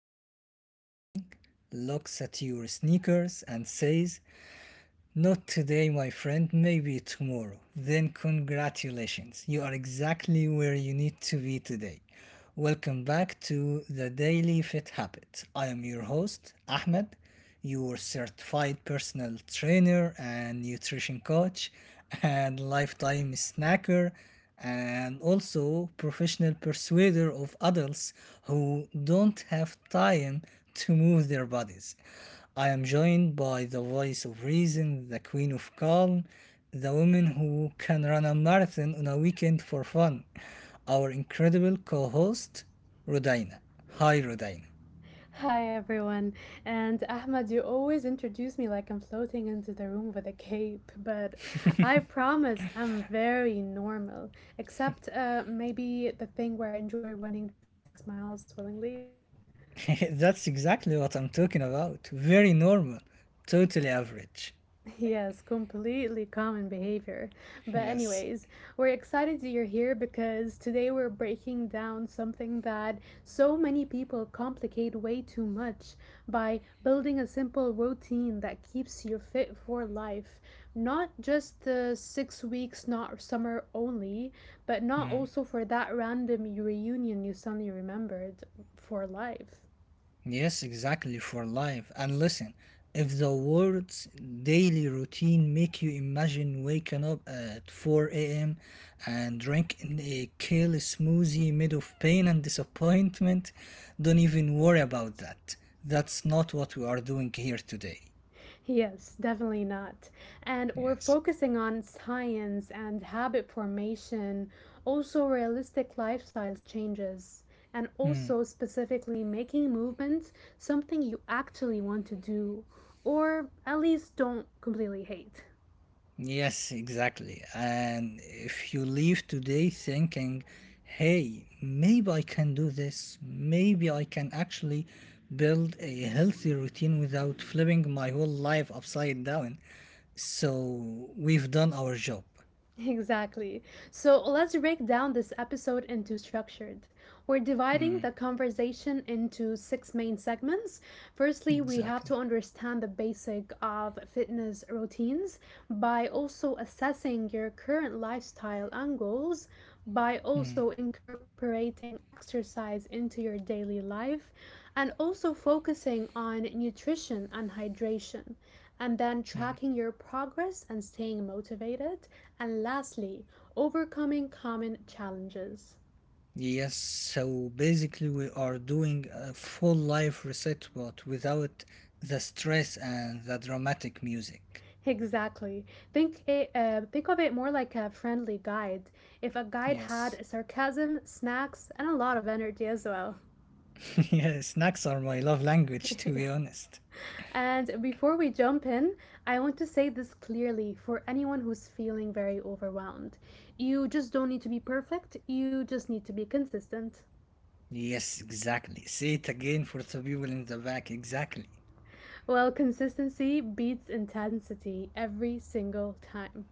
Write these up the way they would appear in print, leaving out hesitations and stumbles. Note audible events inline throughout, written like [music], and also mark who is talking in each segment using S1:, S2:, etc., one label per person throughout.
S1: wakes up every morning, looks at your sneakers, and says, "Not today, my friend, maybe tomorrow," then congratulations, you are exactly where you need to be today. Welcome back to the Daily Fit Habit. I am your host, Ahmed, your certified personal trainer and nutrition coach, and lifetime snacker, and also professional persuader of adults who don't have time to move their bodies. I am joined by the voice of reason, the queen of calm, the woman who can run a marathon on a weekend for fun, our incredible co host, Rodina. Hi, Rodina.
S2: Hi everyone, and Ahmad, you always introduce me like I'm floating into the room with a cape, but I promise I'm very normal, except maybe the thing where I enjoy running 26 miles willingly.
S1: [laughs] That's exactly what I'm talking about. Very normal, totally average.
S2: Yes, completely common behavior. But,
S1: Yes.
S2: anyways, we're excited that you're here because today we're breaking down something that so many people complicate way too much by building a simple routine that keeps you fit for life. Not just the 6 weeks, not summer only, but not
S1: Hmm.
S2: also for that random reunion you suddenly remembered for life.
S1: Yes, exactly, for life. And listen, if the world's daily routine make you imagine waking up at 4 a.m. and drinking a kale smoothie made of pain and disappointment, don't even worry about that. That's not what we are doing here today.
S2: Yes, definitely not. And we're
S1: Yes.
S2: focusing on science and habit formation, also realistic lifestyle changes, and
S1: Hmm.
S2: also specifically making movement something you actually want to do, or at least don't completely hate.
S1: Yes, exactly. And if you leave today thinking, hey, maybe I can do this, maybe I can actually build a healthy routine without flipping my whole life upside down. So we've done our job.
S2: Exactly. So let's break down this episode into structured. We're dividing
S1: Mm,
S2: the conversation into 6 main segments. Firstly, we have to
S1: exactly.
S2: understand the basic of fitness routines by also assessing your current lifestyle and goals, by
S1: Mm,
S2: also incorporating exercise into your daily life, and also focusing on nutrition and hydration and then
S1: mm.
S2: tracking your progress and staying motivated. And lastly, overcoming common challenges.
S1: Yes, so basically we are doing a full life reset, but without the stress and the dramatic music.
S2: Exactly. Think of it more like a friendly guide. If a guide
S1: Yes.
S2: had sarcasm, snacks, and a lot of energy as well.
S1: [laughs] Yeah, snacks are my love language, to be
S2: [laughs]
S1: honest.
S2: And before we jump in, I want to say this clearly for anyone who's feeling very overwhelmed. You just don't need to be perfect, you just need to be consistent.
S1: Yes, exactly. Say it again for the people in the back. Exactly.
S2: Well, consistency beats intensity every single time.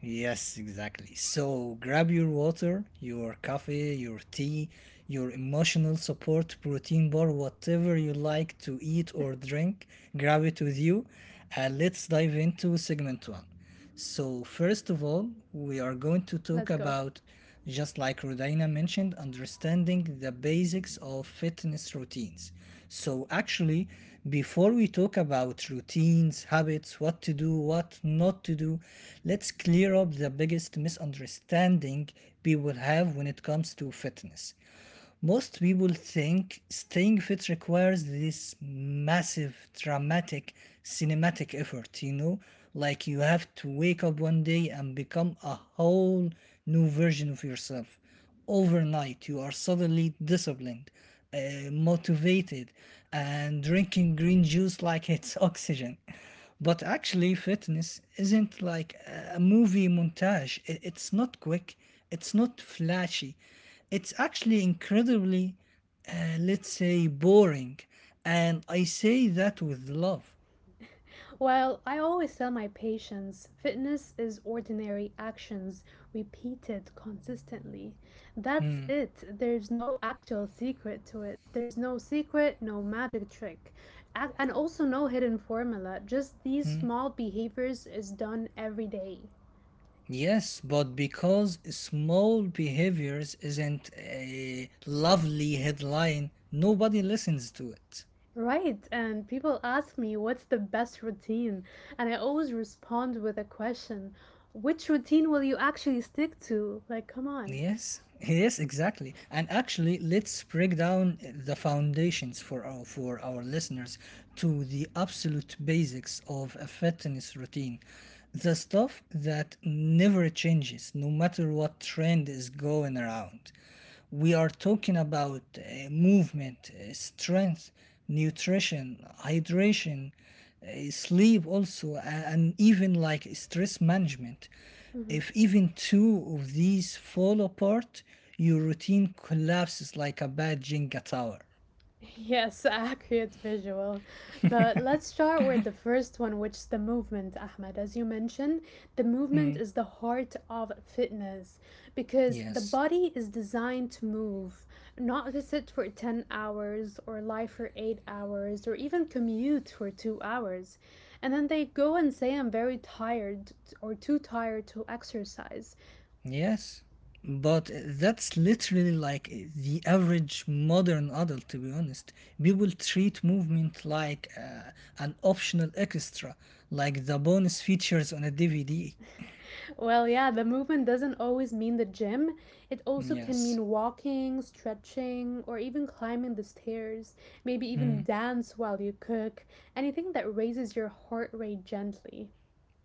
S1: Yes, exactly. So grab your water, your coffee, your tea, your emotional support, protein bar, whatever you like to eat or drink, grab it with you. And let's dive into segment one.
S2: Let's go.
S1: So, first of all, we are going to talk about, just like Rodina mentioned, understanding the basics of fitness routines. So, actually, before we talk about routines, habits, what to do, what not to do, let's clear up the biggest misunderstanding people have when it comes to fitness. Most people think staying fit requires this massive, dramatic, cinematic effort, you know? Like you have to wake up one day and become a whole new version of yourself. Overnight, you are suddenly disciplined, motivated, and drinking green juice like it's [laughs] oxygen. But actually, fitness isn't like a movie montage. It's not quick, it's not flashy, it's actually incredibly, let's say, boring. And I say that with love.
S2: Well, I always tell my patients fitness is ordinary actions repeated consistently. That's
S1: Mhm.
S2: it. There's no actual secret to it. There's no secret, no magic trick, and also no hidden formula. Just these small behaviors is done every day.
S1: Yes, but because small behaviors isn't a lovely headline, nobody listens to it.
S2: Right, and people ask me what's the best routine, and I always respond with a question which routine will you actually stick to? Like, come on.
S1: Yes, yes, exactly. And actually, let's break down the foundations for our listeners to the absolute basics of a fitness routine. The stuff that never changes no matter what trend is going around. We are talking about movement, strength, nutrition, hydration, sleep, also and even like stress management. If even two of these fall apart, your routine collapses like a bad Jenga tower.
S2: Yes, [laughs] accurate visual. But let's start with the first one, which is the movement, Ahmed. As you mentioned, the movement is the heart of fitness because the
S1: Yes,
S2: body is designed to move, not to sit for 10 hours or lie for 8 hours or even commute for 2 hours. And then they go and say, I'm very tired or too tired to exercise.
S1: yes, but that's literally like the average modern adult, to be honest. People treat movement like an optional extra, like the bonus features on a DVD.
S2: Well, yeah, the movement doesn't always mean the gym. It also can
S1: Yes.
S2: mean walking, stretching, or even climbing the stairs. Maybe even
S1: Hmm.
S2: dance while you cook. Anything that raises your heart rate gently.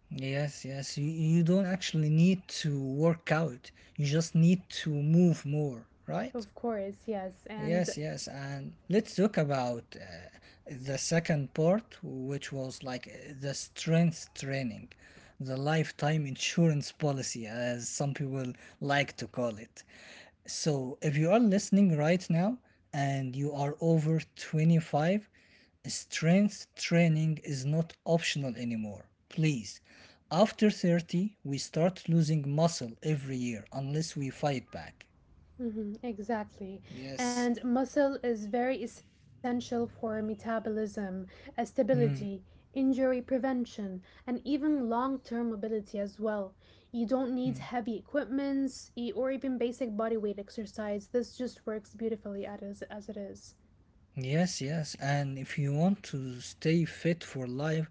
S1: Yes, yes. You don't actually need to work out. You just need to move more, right?
S2: Of course, yes. And
S1: Yes, yes, and let's talk about the second part, which was like the strength training, the lifetime insurance policy, as some people like to call it. So, if you are listening right now and you are over 25, strength training is not optional anymore. Please. After 30, we start losing muscle every year unless we fight back.
S2: hmm exactly.
S1: Yes.
S2: And muscle is very essential for metabolism, stability,
S1: Hmm.
S2: injury prevention, and even long term mobility as well. You don't need heavy equipments or even basic body weight exercise. This just works beautifully at as it is.
S1: Yes, yes. And if you want to stay fit for life,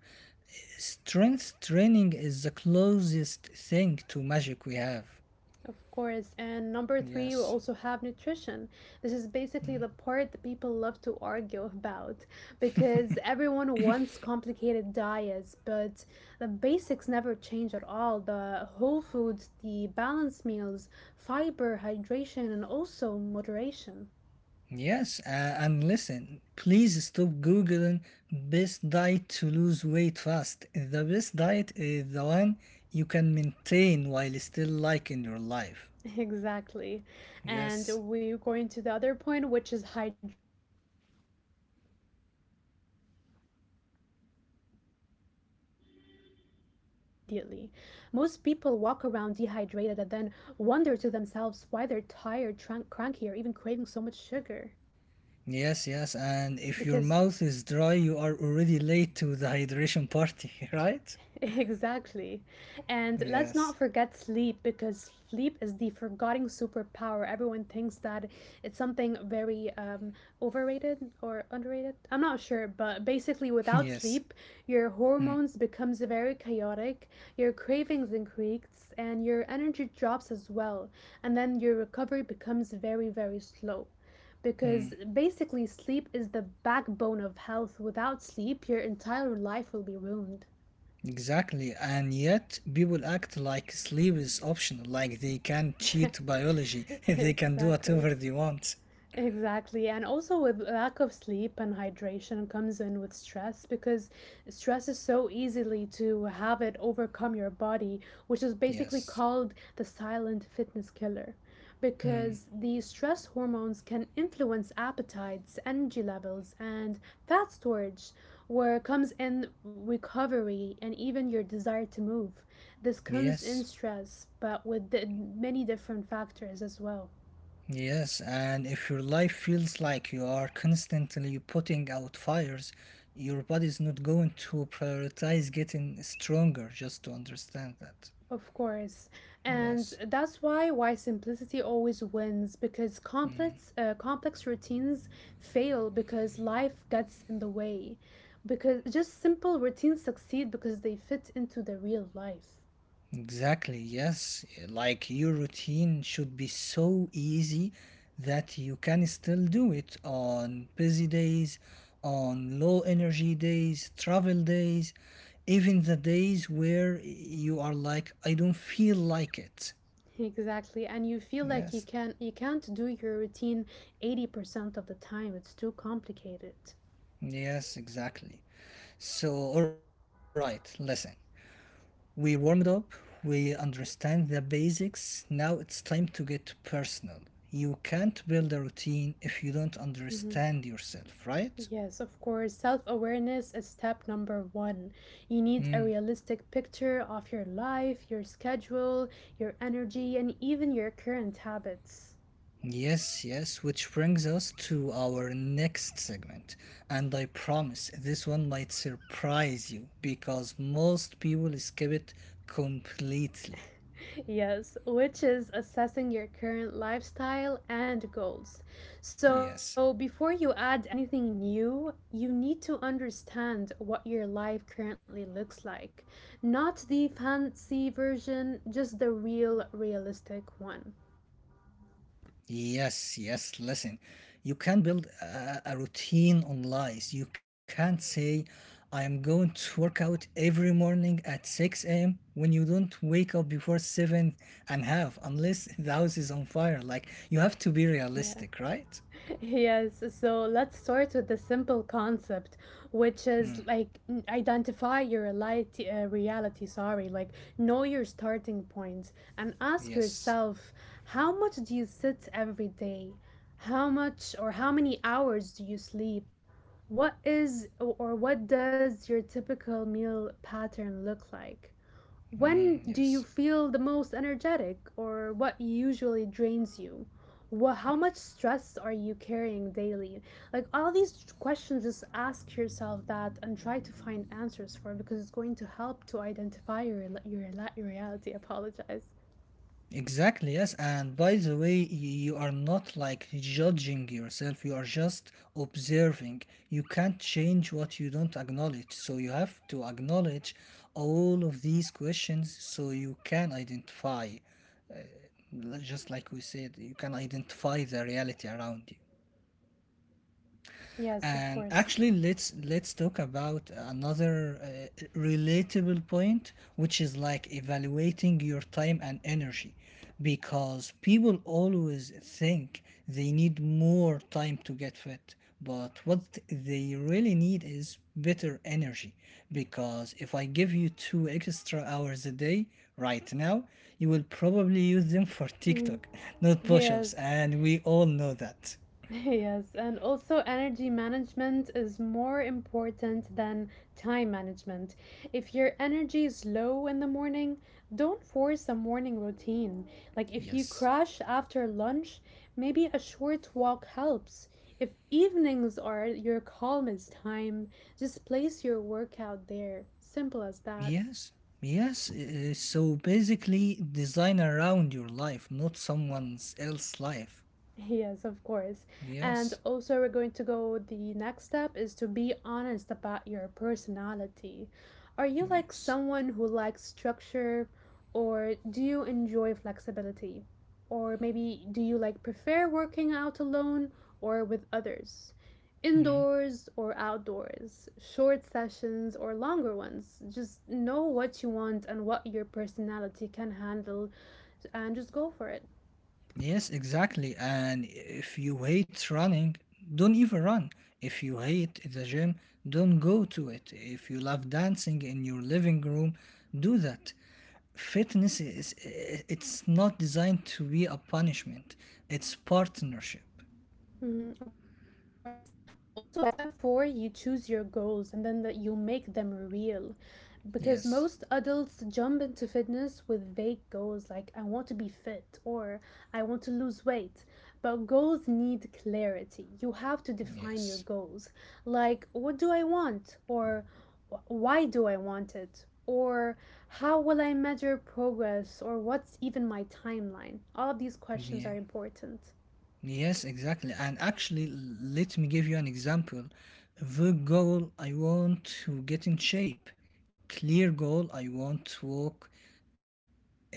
S1: strength training is the closest thing to magic we have.
S2: Of course. And number three, we
S1: Yes.
S2: also have nutrition. This is basically the part that people love to argue about because everyone wants complicated diets, but the basics never change at all. The whole foods, the balanced meals, fiber, hydration, and also moderation.
S1: Yes. And listen, please stop Googling best diet to lose weight fast. The best diet is the one you can maintain while still liking your life.
S2: [laughs] Exactly. And
S1: Yes.
S2: we're going to the other point, which is hydration. This is the simplest way to actually feel better immediately. Most people walk around dehydrated and then wonder to themselves why they're tired, cranky, or even craving so much sugar.
S1: Yes, yes.
S2: Because
S1: And if your mouth is dry, you are already late to the hydration party, [laughs]
S2: [laughs]
S1: right?
S2: exactly. And let's not
S1: Yes.
S2: forget sleep because sleep is the forgotten superpower. Everyone thinks that it's something very overrated or underrated. I'm not sure, but basically without
S1: Yes.
S2: sleep, your
S1: Mm,
S2: hormones becomes very chaotic, your cravings increase, and your energy drops as well. And then your recovery becomes very, very slow because
S1: mm.
S2: basically sleep is the backbone of health. Without sleep, your entire life will be ruined.
S1: Exactly. And yet, people act like sleep is optional, like they can cheat biology, [laughs] they can do
S2: [laughs] Exactly.
S1: whatever they want.
S2: Exactly. And also with lack of sleep and hydration comes in with stress because stress is so easily to have it overcome your body, which is basically
S1: Yes.
S2: called the silent fitness killer.
S1: Mm.
S2: Because the stress hormones can influence appetites, energy levels, and fat storage, where comes in recovery and even your desire to move. This comes in
S1: Yes.
S2: stress, but with the, many different factors as well.
S1: Yes. And if your life feels like you are constantly putting out fires, your body is not going to prioritize getting stronger, just to understand that.
S2: Of course. And
S1: Yes.
S2: that's why simplicity always wins because complex routines fail because life gets in the way. Because just simple routines succeed because they fit into the real life.
S1: Exactly, yes. Like your routine should be so easy that you can still do it on busy days, on low energy days, travel days, even the days where you are like, I don't feel like it.
S2: Exactly. And you feel like
S1: Yes,
S2: you can't do your routine 80% of the time. It's too complicated.
S1: yes, exactly. So, all right, listen. We warmed up, we understand the basics. Now it's time to get personal. You can't build a routine if you don't understand yourself, right?
S2: Yes, of course. Self awareness is step number one. You need a
S1: Mm.
S2: realistic picture of your life, your schedule, your energy, and even your current habits.
S1: Yes, yes, which brings us to our next segment. And I promise this one might surprise you because most people skip it completely.
S2: Yes, which is assessing your current lifestyle and goals. So,
S1: Yes.
S2: before you add anything new, you need to understand what your life currently looks like. Not the fancy version, just the real, realistic one.
S1: Yes, yes, listen. You can build a routine on lies. You can't say, I am going to work out every morning at 6 a.m. when you don't wake up before 7 and half, unless [laughs] the house is on fire. Like, you have to be
S2: Yeah.
S1: realistic, right?
S2: Yes, so let's start with the simple concept, which is like reality, sorry, like know your starting point and ask
S1: Yes.
S2: yourself how much do you sit every day? How much or how many hours do you sleep? What is or what does your typical meal pattern look like?
S1: Mm,
S2: When do
S1: yes.
S2: you feel the most energetic, or what usually drains you? What, how much stress are you carrying daily? Like all these questions, just ask yourself that and try to find answers for it because it's going to help to identify your reality. Apologize.
S1: Exactly, yes. And by the way, you are not like judging yourself, you are just observing. You can't change what you don't acknowledge. So you have to acknowledge all of these questions so you can identify, just like we said, you can identify the reality around you.
S2: Yes, of
S1: And
S2: course.
S1: actually, let's talk about another relatable point, which is like evaluating your time and energy, because people always think they need more time to get fit, but what they really need is better energy. Because if I give you 2 extra hours a day right now, you will probably use them for
S2: Hmm.
S1: TikTok, [laughs] not push-ups,
S2: Yes.
S1: and we all know that.
S2: [laughs] Yes, and also energy management is more important than time management. If your energy is low in the morning, don't force a morning routine. Like if you
S1: Yes.
S2: crash after lunch, maybe a short walk helps. If evenings are your calmest time, just place your workout there. Simple as that.
S1: Yes, yes. So basically, design around your life, not someone else's life.
S2: Yes, of course. And
S1: Yes,
S2: also, we're going to go. The next step is to be honest about your personality. Are you like
S1: yes.
S2: someone who likes structure, or do you enjoy flexibility? Or maybe do you prefer working out alone or with others?
S1: Mhm.
S2: Indoors or outdoors, short sessions or longer ones. Just know what you want and what your personality can handle and just go for it.
S1: Yes, exactly. And if you hate running, don't even run. If you hate the gym, don't go to it. If you love dancing in your living room, do that. Fitness it's not designed to be a punishment, it's partnership.
S2: Mhm, of course. And also by step four, you choose your goals and then that you make them real. Because
S1: Yes,
S2: most adults jump into fitness with vague goals like I want to be fit or I want to lose weight. But goals need clarity. You have to define your
S1: yes,
S2: goals. Like, what do I want? Or Why do I want it? Or how will I measure progress? Or what's even my timeline? All of these questions
S1: yeah.
S2: are important.
S1: Yes, exactly. And actually, let me give you an example. The goal: I want to get in shape. Clear goal: I want to walk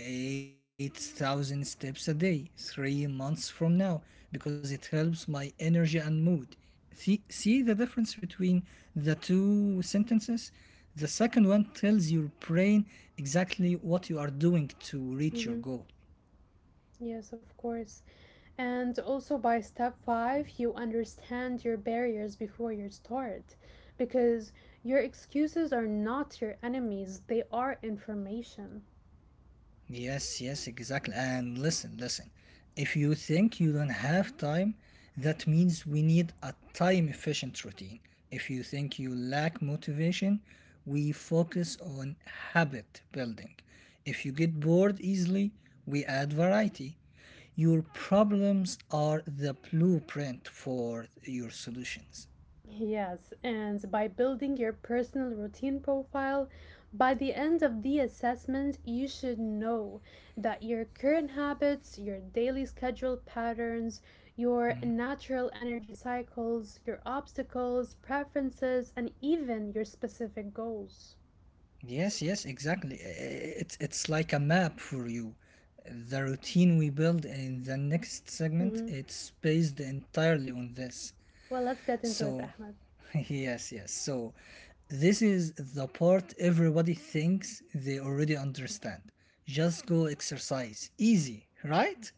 S1: 8,000 steps a day 3 months from now because it helps my energy and mood. See the difference between the two sentences? The second one tells your brain exactly what you are doing to reach
S2: Mm-hmm.
S1: your goal.
S2: Yes, of course. And also by step five, you understand your barriers before you start because your excuses are not your enemies, they are information.
S1: Yes, yes, exactly. And listen, listen. If you think you don't have time, that means we need a time efficient routine. If you think you lack motivation, we focus on habit building. If you get bored easily, we add variety. Your problems are the blueprint for your solutions.
S2: Yes, and by building your personal routine profile, by the end of the assessment, you should know that your current habits, your daily schedule patterns, your natural energy cycles, your obstacles, preferences, and even your specific goals.
S1: Yes, yes, exactly. It's like a map for you. The routine we build in the next segment,
S2: Hmm.
S1: it's based entirely on this.
S2: Well, let's get into it,
S1: So,
S2: Ahmed.
S1: [laughs] yes, yes. So, this is the part everybody thinks they already understand. Just go exercise. Easy, right?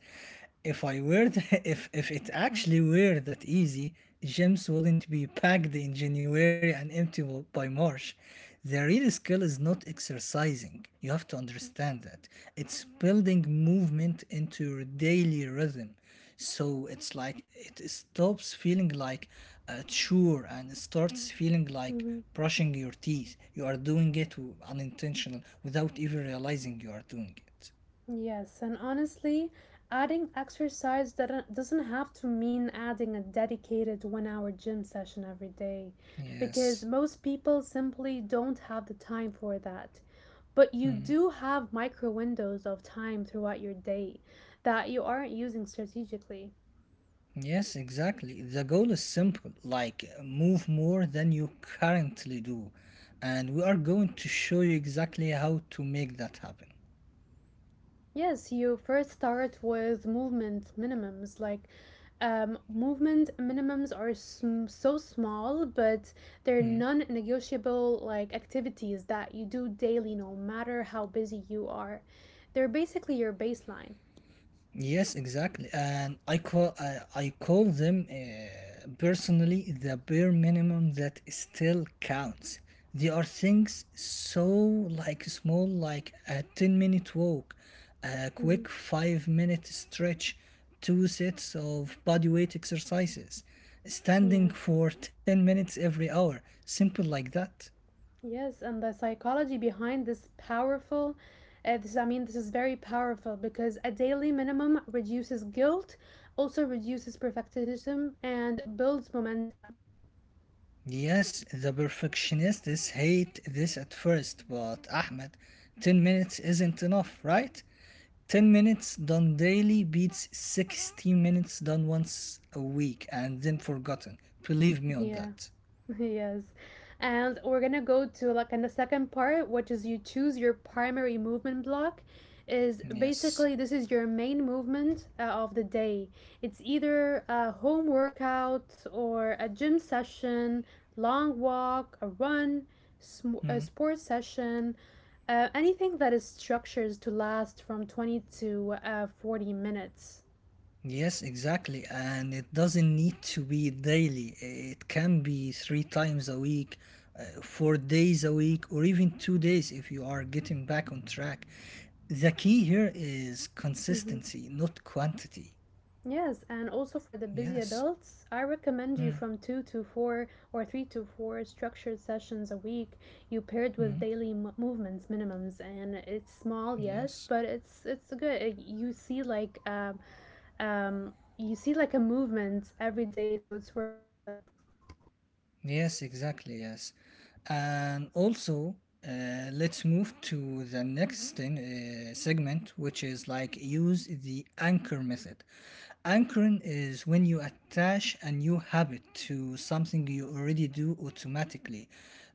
S1: if I were th- [laughs] If it actually were that easy, gyms wouldn't be packed in January and empty by March. The real skill is not exercising. You have to understand that. It's building movement into your daily rhythm. So it's like it stops feeling like a chore and starts feeling like
S2: Mm-hmm.
S1: brushing your teeth. You are doing it unintentional without even realizing you are doing it.
S2: Yes, and honestly, adding exercise that doesn't have to mean adding a dedicated 1 hour gym session every day, because
S1: Yes.
S2: most people simply don't have the time for that. But you do have micro windows of time throughout your day that you aren't using strategically.
S1: Yes, exactly. The goal is simple like move more than you currently do. And we are going to show you exactly how to make that happen.
S2: Yes, you first start with movement minimums. Movement minimums are so small, but they're
S1: Hmm.
S2: non-negotiable like activities that you do daily, no matter how busy you are. They're basically your baseline.
S1: Yes, exactly. And I call them personally the bare minimum that still counts. They are things so like small, like a 10-minute walk, a
S2: Hmm.
S1: quick 5-minute stretch, two sets of body weight exercises, standing
S2: Yeah.
S1: for 10 minutes every hour, simple like that.
S2: Yes, and the psychology behind this powerful. I mean, this is very powerful because a daily minimum reduces guilt, also reduces perfectionism, and builds momentum.
S1: Yes, the perfectionists hate this at first, but Ahmed, 10 minutes isn't enough, right? 10 minutes done daily beats 16 minutes done once a week and then forgotten. Believe me on
S2: Yeah.
S1: that.
S2: [laughs] Yes. And we're gonna go to like in the second part, which is you choose your primary movement block. Is
S1: Yes.
S2: basically this is your main movement of the day. It's either a home workout or a gym session, long walk, a run,
S1: Hmm.
S2: a sports session, anything that is structured to last from 20 to 40 minutes.
S1: Yes, exactly. And it doesn't need to be daily. It can be three times a week, 4 days a week, or even 2 days if you are getting back on track. The key here is
S2: Mm-hmm.
S1: consistency, not quantity.
S2: Yes, and also for the busy
S1: Yes.
S2: adults, I recommend you
S1: Mm,
S2: from 2 to 4 or 3 to 4 structured sessions a week. You paired with
S1: mm,
S2: daily movements minimums, and it's small, yes,
S1: yes.
S2: but it's good. You see like a movement every day, so it's worth it.
S1: Yes, exactly. Yes. And also, let's move to the next segment, which is like use the anchor method. Anchoring is when you attach a new habit to something you already do automatically.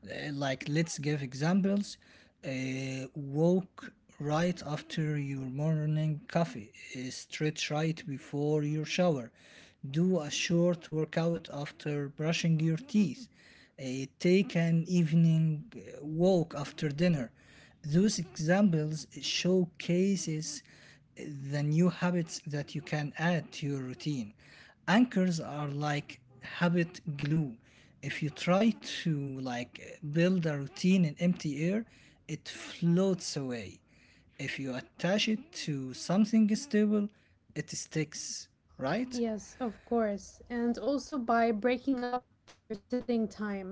S1: Like, let's give examples. Walk right after your morning coffee. Stretch right before your shower. Do a short workout after brushing your teeth. Take an evening walk after dinner. Those examples showcases the new habits that you can add to your routine. Anchors are like habit glue. If you try to like build a routine in empty air, it floats away. If you attach it to something stable, it sticks, right?
S2: Yes, of course. And also by breaking up your sitting time.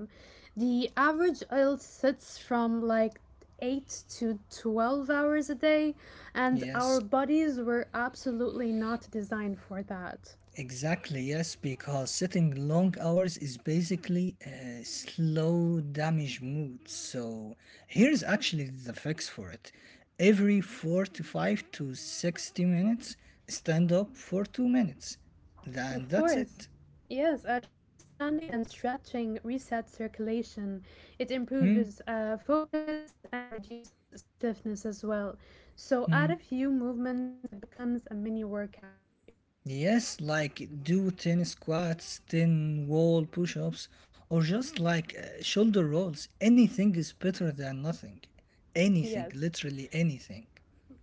S2: The average adult sits from like 8 to 12 hours a day, and our
S1: Yes.
S2: bodies were absolutely not designed for that.
S1: Exactly, yes, because sitting long hours is basically a slow damage mood. So here's actually the fix for it. Every 45 to 60 minutes, stand up for 2 minutes. Then
S2: Of
S1: that's it.
S2: course. Yes, just standing and stretching resets circulation. It improves focus and reduces stiffness as well. So add a few movements and it becomes a mini workout for you.
S1: Yes, like do 10 squats, 10 wall push ups, or just like shoulder rolls. Anything is better than nothing.
S2: [laughs]
S1: Anything,
S2: Yes.
S1: literally anything.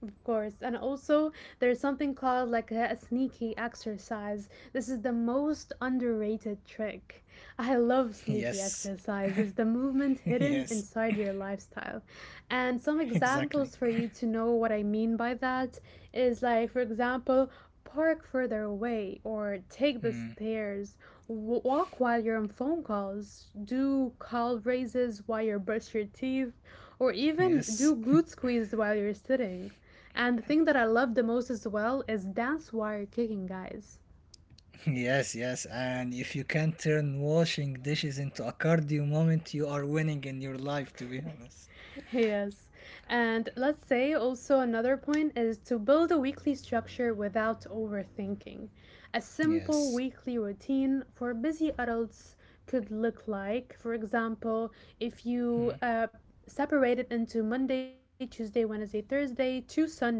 S2: Of course. And also, there's something called like a sneaky exercise. This is the most underrated trick. I
S1: [laughs]
S2: love
S1: Yes,
S2: sneaky exercise. It's the
S1: [laughs]
S2: movement
S1: yes.
S2: hidden inside your lifestyle. And some
S1: Exactly.
S2: examples for you to know what I mean by that is like, for example, park further away or take the stairs. Walk while you're on phone calls, do call raises while you brush your teeth, or even
S1: Yes.
S2: do
S1: [laughs]
S2: glute squeeze while you're sitting. And the thing that I love the most as well is dance wire kicking, guys.
S1: Yes, yes. And if you can turn washing dishes into a cardio moment, you are winning in your life, to be honest.
S2: [laughs] Yes. And let's say also another point is to build a weekly structure without overthinking. A simple
S1: Yes.
S2: weekly routine for busy adults could look like, for example, if you separate it into Monday, Tuesday, Wednesday, Thursday to Sunday.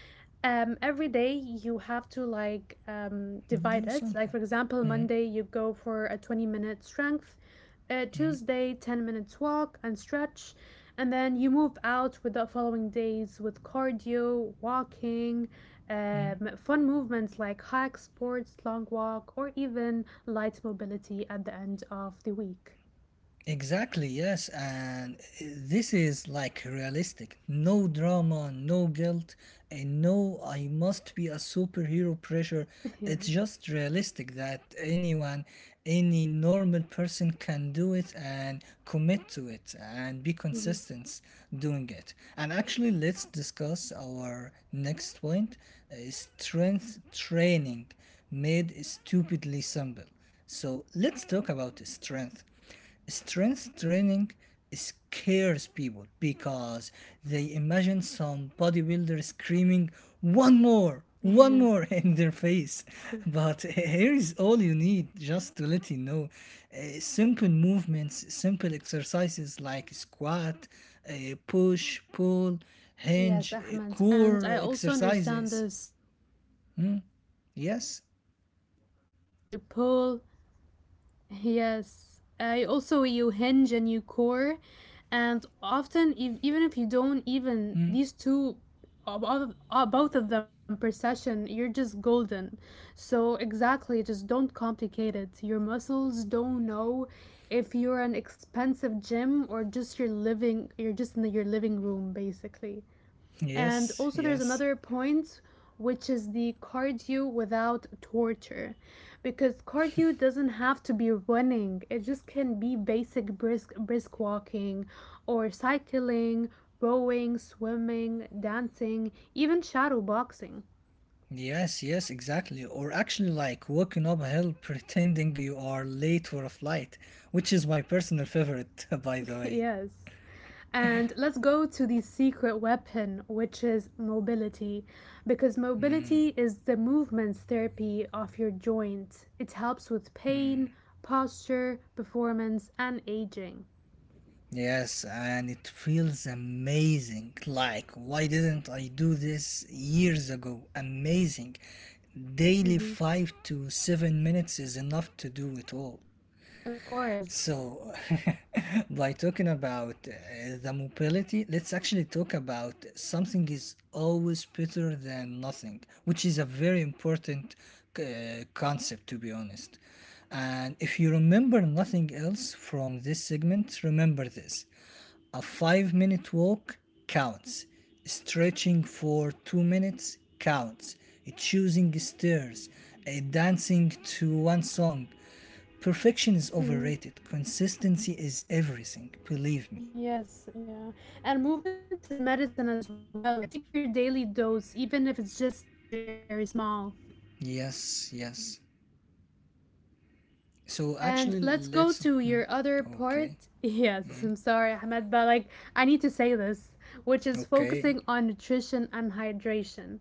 S2: Every day you have to like divide
S1: Do
S2: it, like, for
S1: something.
S2: example,
S1: Hmm.
S2: Monday you go for a 20-minute strength, Tuesday 10 minutes walk and stretch, and then you move out with the following days with cardio walking, fun movements like hikes, sports, long walk, or even light mobility at the end of the week.
S1: Exactly, yes. And this is like realistic. No drama, no guilt, and no, I must be a superhero pressure.
S2: [laughs] Yeah.
S1: It's just realistic that anyone, any normal person can do it and commit to it and be
S2: hmm
S1: consistent doing it. And actually, let's discuss our next point, strength training made stupidly simple. So let's talk about strength. Strength training scares people because they imagine some bodybuilder screaming, one
S2: Yeah.
S1: more [laughs] in their face. But here is all you need just to let you know. Simple movements, simple exercises like squat, push, pull, hinge,
S2: Yes, Ahmed. And
S1: core
S2: I also understand
S1: exercises.
S2: this where you all you need is
S1: Yes,
S2: squats, you push, you pull. [laughs] Yes. I also you hinge and you core. And often if, even if you don't even these two both of them per session, you're just golden. So exactly, just don't complicate it. Your muscles don't know if you're an expensive gym or just in your living room basically. And
S1: yes,
S2: also, there's
S1: yes.
S2: another point, which is the cardio without torture. Because cardio doesn't have to be running, it just can be basic brisk walking, or cycling, rowing, swimming, dancing, even shadow boxing.
S1: Yes, yes, exactly. Or actually, like walking uphill pretending you are late for a flight, which is my personal favorite, [laughs] by the
S2: [laughs]
S1: way.
S2: Yes. And let's go to the secret weapon, which is mobility, because mobility is the movement therapy of your joint. It helps with pain, posture, performance, and aging.
S1: Yes, and it feels amazing. Like, why didn't I do this years ago? Amazing. Daily
S2: Hmm
S1: 5 to 7 minutes is enough to do it all.
S2: Of course.
S1: So, [laughs] by talking about the mobility, let's actually talk about something is always better than nothing, which is a very important concept, to be honest. And if you remember nothing else from this segment, remember this: a 5 minute walk counts, stretching for 2 minutes counts, choosing stairs, dancing to one song. Perfection is
S2: Hmm
S1: overrated. Consistency is everything. Believe me.
S2: Yes, yeah. And movement is medicine as well. Like, take your daily dose, even if it's just very small.
S1: Yes, yes. So
S2: And
S1: actually,
S2: let's go to your other
S1: Okay,
S2: part. [laughs] Yes, I'm sorry, Ahmed, but like I need to say this, which is
S1: okay,
S2: focusing on nutrition and hydration.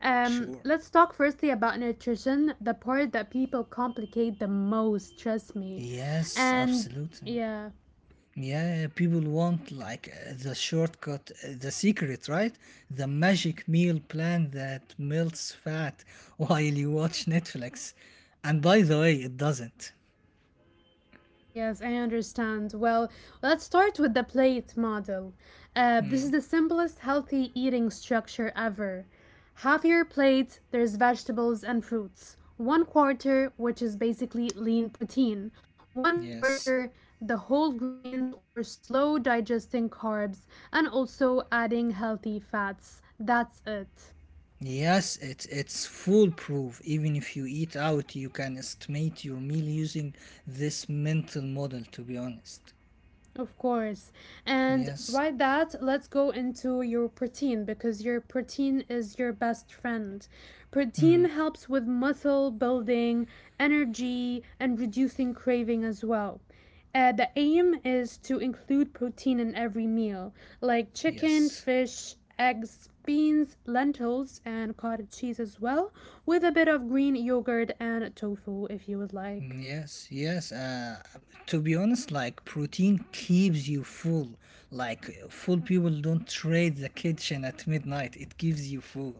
S1: sure.
S2: Let's talk firstly about nutrition, the part that people complicate the most, trust me.
S1: Yes,
S2: And
S1: absolutely.
S2: yeah.
S1: Yeah, people want like the shortcut, the secret, right? The magic meal plan that melts fat [laughs] while you watch Netflix. And by the way, it doesn't.
S2: Yes, I understand. Well, let's start with the plate model. This is the simplest healthy eating structure ever. Half your plate, there's vegetables and fruits. One quarter, which is basically lean protein. One
S1: Yes.
S2: quarter, the whole grains or slow digesting carbs, and also adding healthy fats. That's it.
S1: Yes, it's foolproof. Even if you eat out, you can estimate your meal using this mental model. To be honest,
S2: Of course. And
S1: yes.
S2: right that, let's go into your protein because your protein is your best friend.
S1: Hmm.
S2: Protein helps with muscle building, energy, and reducing craving as well. The aim is to include protein in every meal, like chicken,
S1: Yes,
S2: fish, eggs, beans, lentils, and cottage cheese as well, with a bit of green yogurt and tofu if you would like.
S1: yes, yes. To be honest, like protein keeps you full. Like full people don't trade the kitchen at midnight. It gives you full.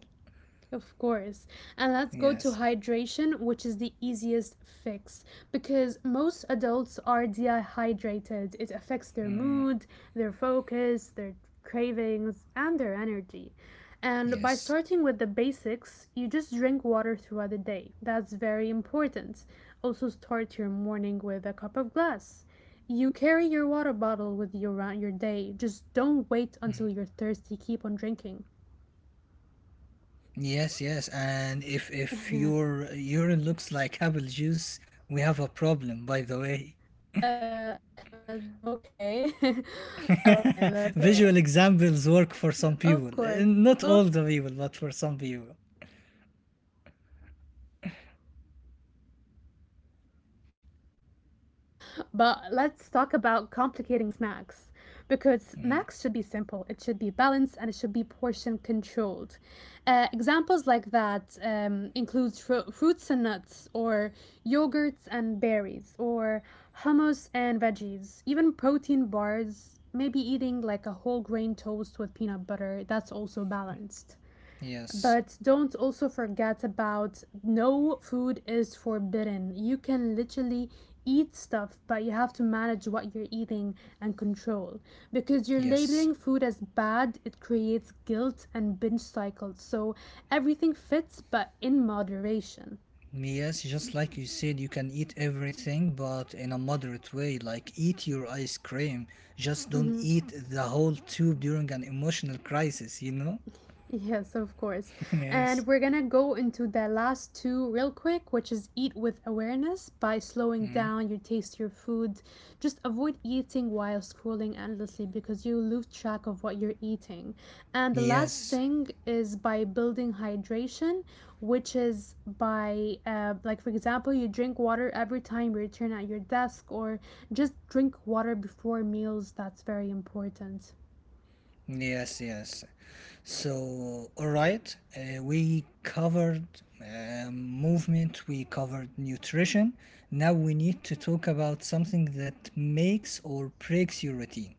S2: Of course. And let's go to
S1: Yes,
S2: hydration, which is the easiest fix because most adults are dehydrated. It affects their mood, their focus, their cravings, and their energy. And by
S1: yes.
S2: starting with the basics, you just drink water throughout the day. That's very important. Also, start your morning with a cup of glass. You carry your water bottle with you around your day. Just don't wait until you're thirsty. Keep on drinking.
S1: Yes, yes, and if
S2: [laughs]
S1: if
S2: Yeah.
S1: your urine looks like apple juice, we have a problem. By the way,
S2: Ahmed, okay. [laughs] Okay, let's go
S1: [laughs]
S2: up.
S1: visual examples work for some
S2: Of
S1: people. Eh,
S2: course,
S1: not
S2: of
S1: all
S2: course.
S1: the people, but for some people.
S2: Okay, I'll let that slide. [laughs] But let's talk about complicating snacks. Because snacks should be simple, it should be balanced, and it should be portion controlled. Examples like that include fruits and nuts, or yogurts and berries, or hummus and veggies, even protein bars, maybe eating like a whole grain toast with peanut butter. That's also balanced.
S1: Yes,
S2: But don't also forget about no food is forbidden. You can literally eat stuff, but you have to manage what you're eating and control. Because you're
S1: yes.
S2: labeling food as bad, it creates guilt and binge cycles. So everything fits, but in moderation.
S1: Yes, just like you said, you can eat everything, but in a moderate way. Like, eat your ice cream. Just don't
S2: Mm-hmm.
S1: eat the whole tube during an emotional crisis, you know?
S2: Yes, of course.
S1: [laughs] Yes.
S2: And we're gonna go into the last two real quick, which is eat with awareness by slowing down your taste your food. Just avoid eating while scrolling endlessly because you lose track of what you're eating. And the last
S1: Yes.
S2: thing is by building hydration, which is by like, for example, you drink water every time you return at your desk, or just drink water before meals. That's very important.
S1: Yes, yes. So, all right, we covered movement, we covered nutrition. Now we need to talk about something that makes or breaks your routine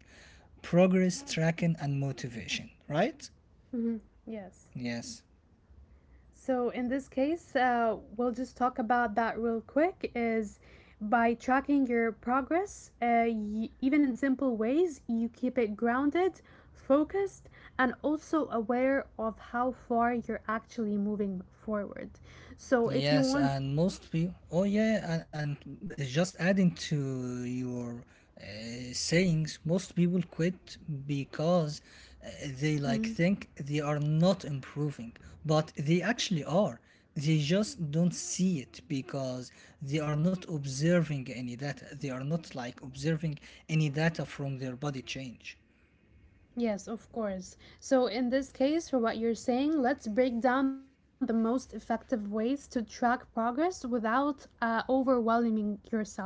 S1: progress, tracking, and motivation, right?
S2: Hmm Yes.
S1: Yes.
S2: So in this case, we'll just talk about that real quick. Is by tracking your progress, even in simple ways, you keep it grounded, focused, and also aware of how far you're actually moving forward. So if you
S1: Yes,
S2: want,
S1: and most people. Oh yeah, yeah, and it's just adding to your uh, sayings, most people quit because, uh, they like
S2: Mhm.
S1: think they are not improving, but they actually are. They just don't see it because they are not observing any data. They are not like observing any data from their body change.
S2: Yes, of course. So, in this case, for what you're saying, let's break down the most effective ways to track progress without overwhelming yourself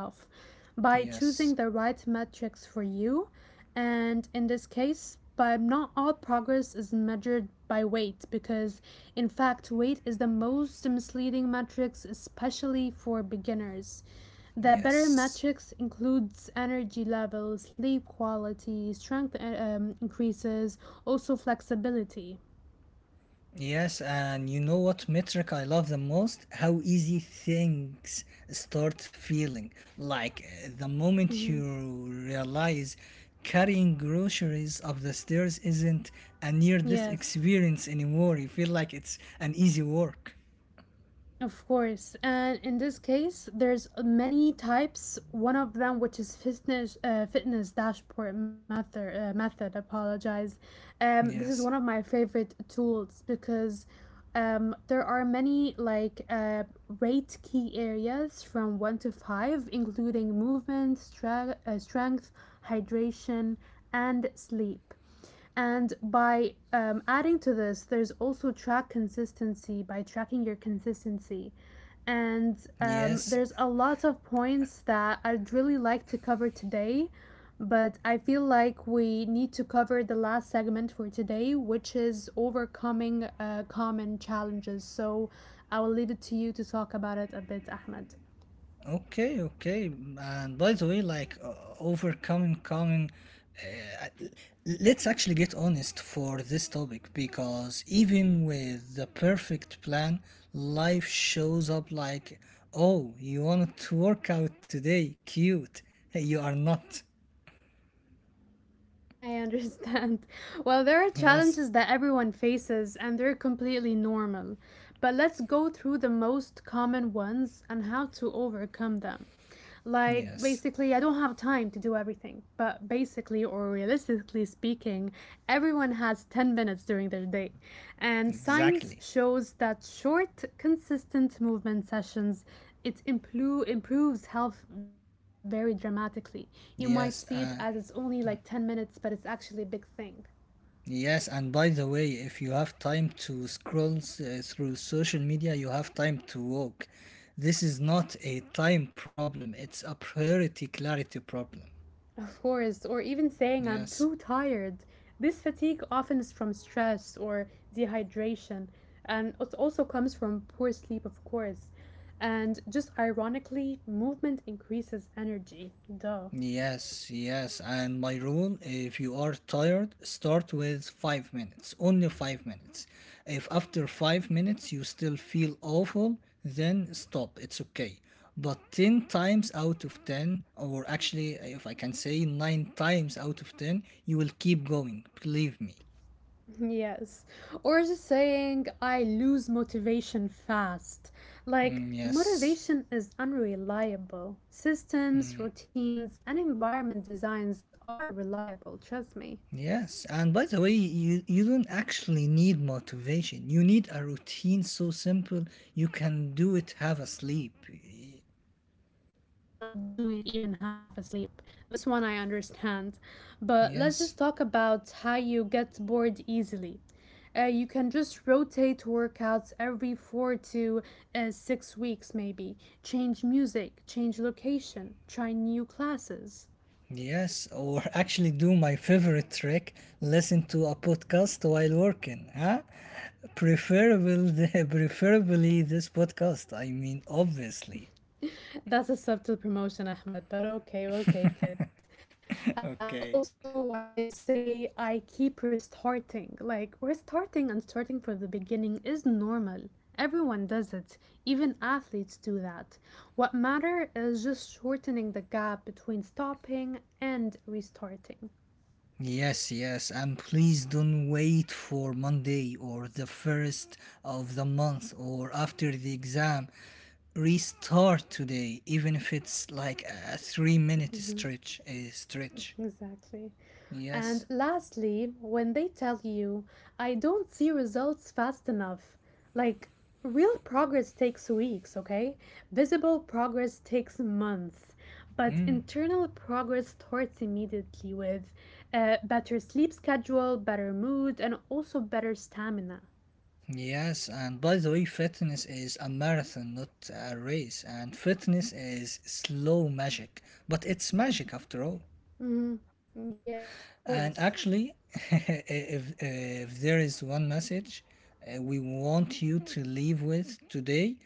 S2: by choosing the
S1: Yes,
S2: right metrics for you. And in this case, but not all progress is measured by weight because, in fact, weight is the most misleading metrics, especially for beginners. The better
S1: yes.
S2: metrics includes energy levels, sleep quality, strength increases, also flexibility.
S1: Yes, and you know what metric I love the most? How easy things start feeling. Like, the moment
S2: Mhm.
S1: you realize carrying groceries up the stairs isn't a near this
S2: Yes.
S1: experience anymore. You feel like it's an easy work.
S2: Of course, and in this case, there's many types. One of them, which is fitness dashboard method. Apologize. This is one of
S1: Yes.
S2: my favorite tools because there are many rate key areas from one to five, including movement, strength, hydration, and sleep. And by adding to this, there's also track consistency by tracking your consistency. And
S1: Yes.
S2: there's a lot of points that I'd really like to cover today, but I feel like we need to cover the last segment for today, which is overcoming common challenges. So I will leave it to you to talk about it a bit, Ahmed.
S1: Okay, okay. And by the way, like, overcoming common, uh, let's actually get honest for this topic because even with the perfect plan, life shows up like, oh, you wanted to work out today, cute. Hey, you are not. [laughs]
S2: I understand. [laughs] Well, there are
S1: Yes,
S2: challenges that everyone faces, and they're completely normal. But let's go through the most common ones and how to overcome them. Like,
S1: yes,
S2: basically, I don't have time to do everything, but basically, or realistically speaking, everyone has 10 minutes during their day. And science
S1: exactly.
S2: shows that short, consistent movement sessions improves health very dramatically. You might see it as
S1: Yes,
S2: it's only like 10 minutes, but it's actually a big thing.
S1: yes, and by the way, if you have time to scroll through social media, you have time to walk. This is not a time problem, it's a priority clarity problem.
S2: Of course, or even saying I'm
S1: Yes.
S2: too tired. This fatigue often is from stress or dehydration, and it also comes from poor sleep, of course. And just ironically, movement increases energy. Duh.
S1: Yes, yes. And my rule, if you are tired, start with 5 minutes, only 5 minutes. If after 5 minutes you still feel awful, then stop, it's okay. But 10 times out of 10, or actually, if I can say 9 times out of 10, you will keep going, believe me.
S2: Yes. Or just saying, I lose motivation fast. Like,
S1: Mm, yes.
S2: motivation is unreliable. Systems, routines, and environment designs are reliable, trust me.
S1: Yes, and by the way, you don't actually need motivation. You need a
S2: Yes,
S1: routine
S2: I feel
S1: so
S2: like you do
S1: simple
S2: not need
S1: you can do
S2: motivation, you
S1: it, have
S2: just
S1: a
S2: need a
S1: sleep.
S2: routine so simple that you cannot do it even half asleep. This one I understand. But let's
S1: Yes,
S2: just talk about how you get bored easily. You can just rotate workouts every four to 6 weeks, maybe. Change music, change location, try new classes.
S1: yes, or actually do my favorite trick, listen to a podcast while working, huh? Preferable, [laughs] preferably this podcast, I mean, obviously.
S2: That's a subtle promotion, Ahmed, but okay, we'll take it. And
S1: Okay.
S2: also when they say I keep restarting, like restarting and starting from the beginning is normal. Everyone does it. Even athletes do that. What matter is just shortening the gap between stopping and restarting.
S1: Yes, yes, and please don't wait for Monday or the first of the month or after the exam. Restart today, even if it's like a 3 minute stretch. A stretch.
S2: Exactly. And
S1: Yes.
S2: lastly, when they tell you, I don't see results fast enough, like real progress takes weeks, okay? Visible progress takes months, but
S1: Mm.
S2: internal progress starts immediately with a better sleep schedule, better mood, and also better stamina.
S1: Yes, and by the way, fitness is a marathon, not a race. And fitness is slow magic, but it's magic after all.
S2: Mhm. Yes, of course,
S1: And actually, [laughs] if there is one message, we want you to leave with today,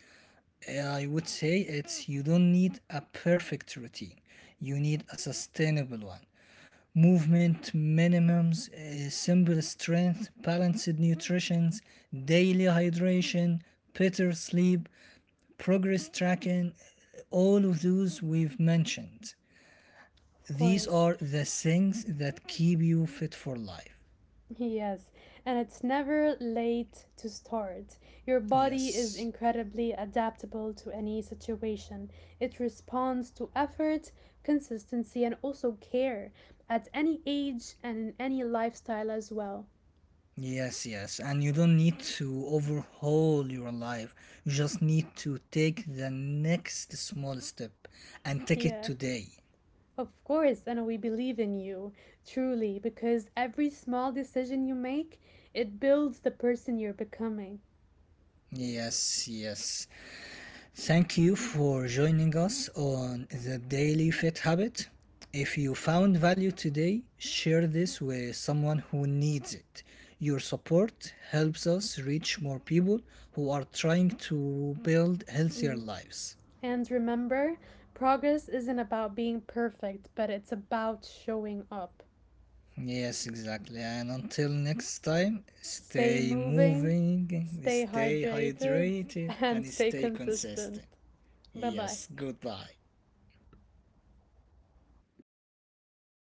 S1: I would say it's you don't need a perfect routine, you need a sustainable one: movement minimums, simple strength, balanced nutrition, daily hydration, better sleep, progress tracking, all of those we've mentioned.
S2: of
S1: These
S2: course.
S1: are the things that keep you fit for life.
S2: Yes, and it's never late to start. Your body is
S1: Yes.
S2: incredibly adaptable to any situation. It responds to effort, consistency, and also care at any age and in any lifestyle as well.
S1: Yes, yes. And you don't need to overhaul your life. You just need to take the next small step and take it
S2: Yeah,
S1: today.
S2: of course, and we believe in you, truly, because every small decision you make, it builds the person you're becoming.
S1: Yes, yes. Thank you for joining us on the Daily Fit Habit. If you found value today, share this with someone who needs it. Your support helps us reach more people who are trying to build healthier
S2: Mm-hmm.
S1: lives.
S2: And remember, progress isn't about being perfect, but it's about showing up.
S1: Yes, exactly. And until next time,
S2: Stay
S1: stay
S2: moving,
S1: moving,
S2: stay
S1: stay
S2: hydrated, [laughs]
S1: hydrated,
S2: and
S1: and
S2: stay
S1: stay
S2: consistent.
S1: consistent.
S2: Bye bye.
S1: Yes, goodbye.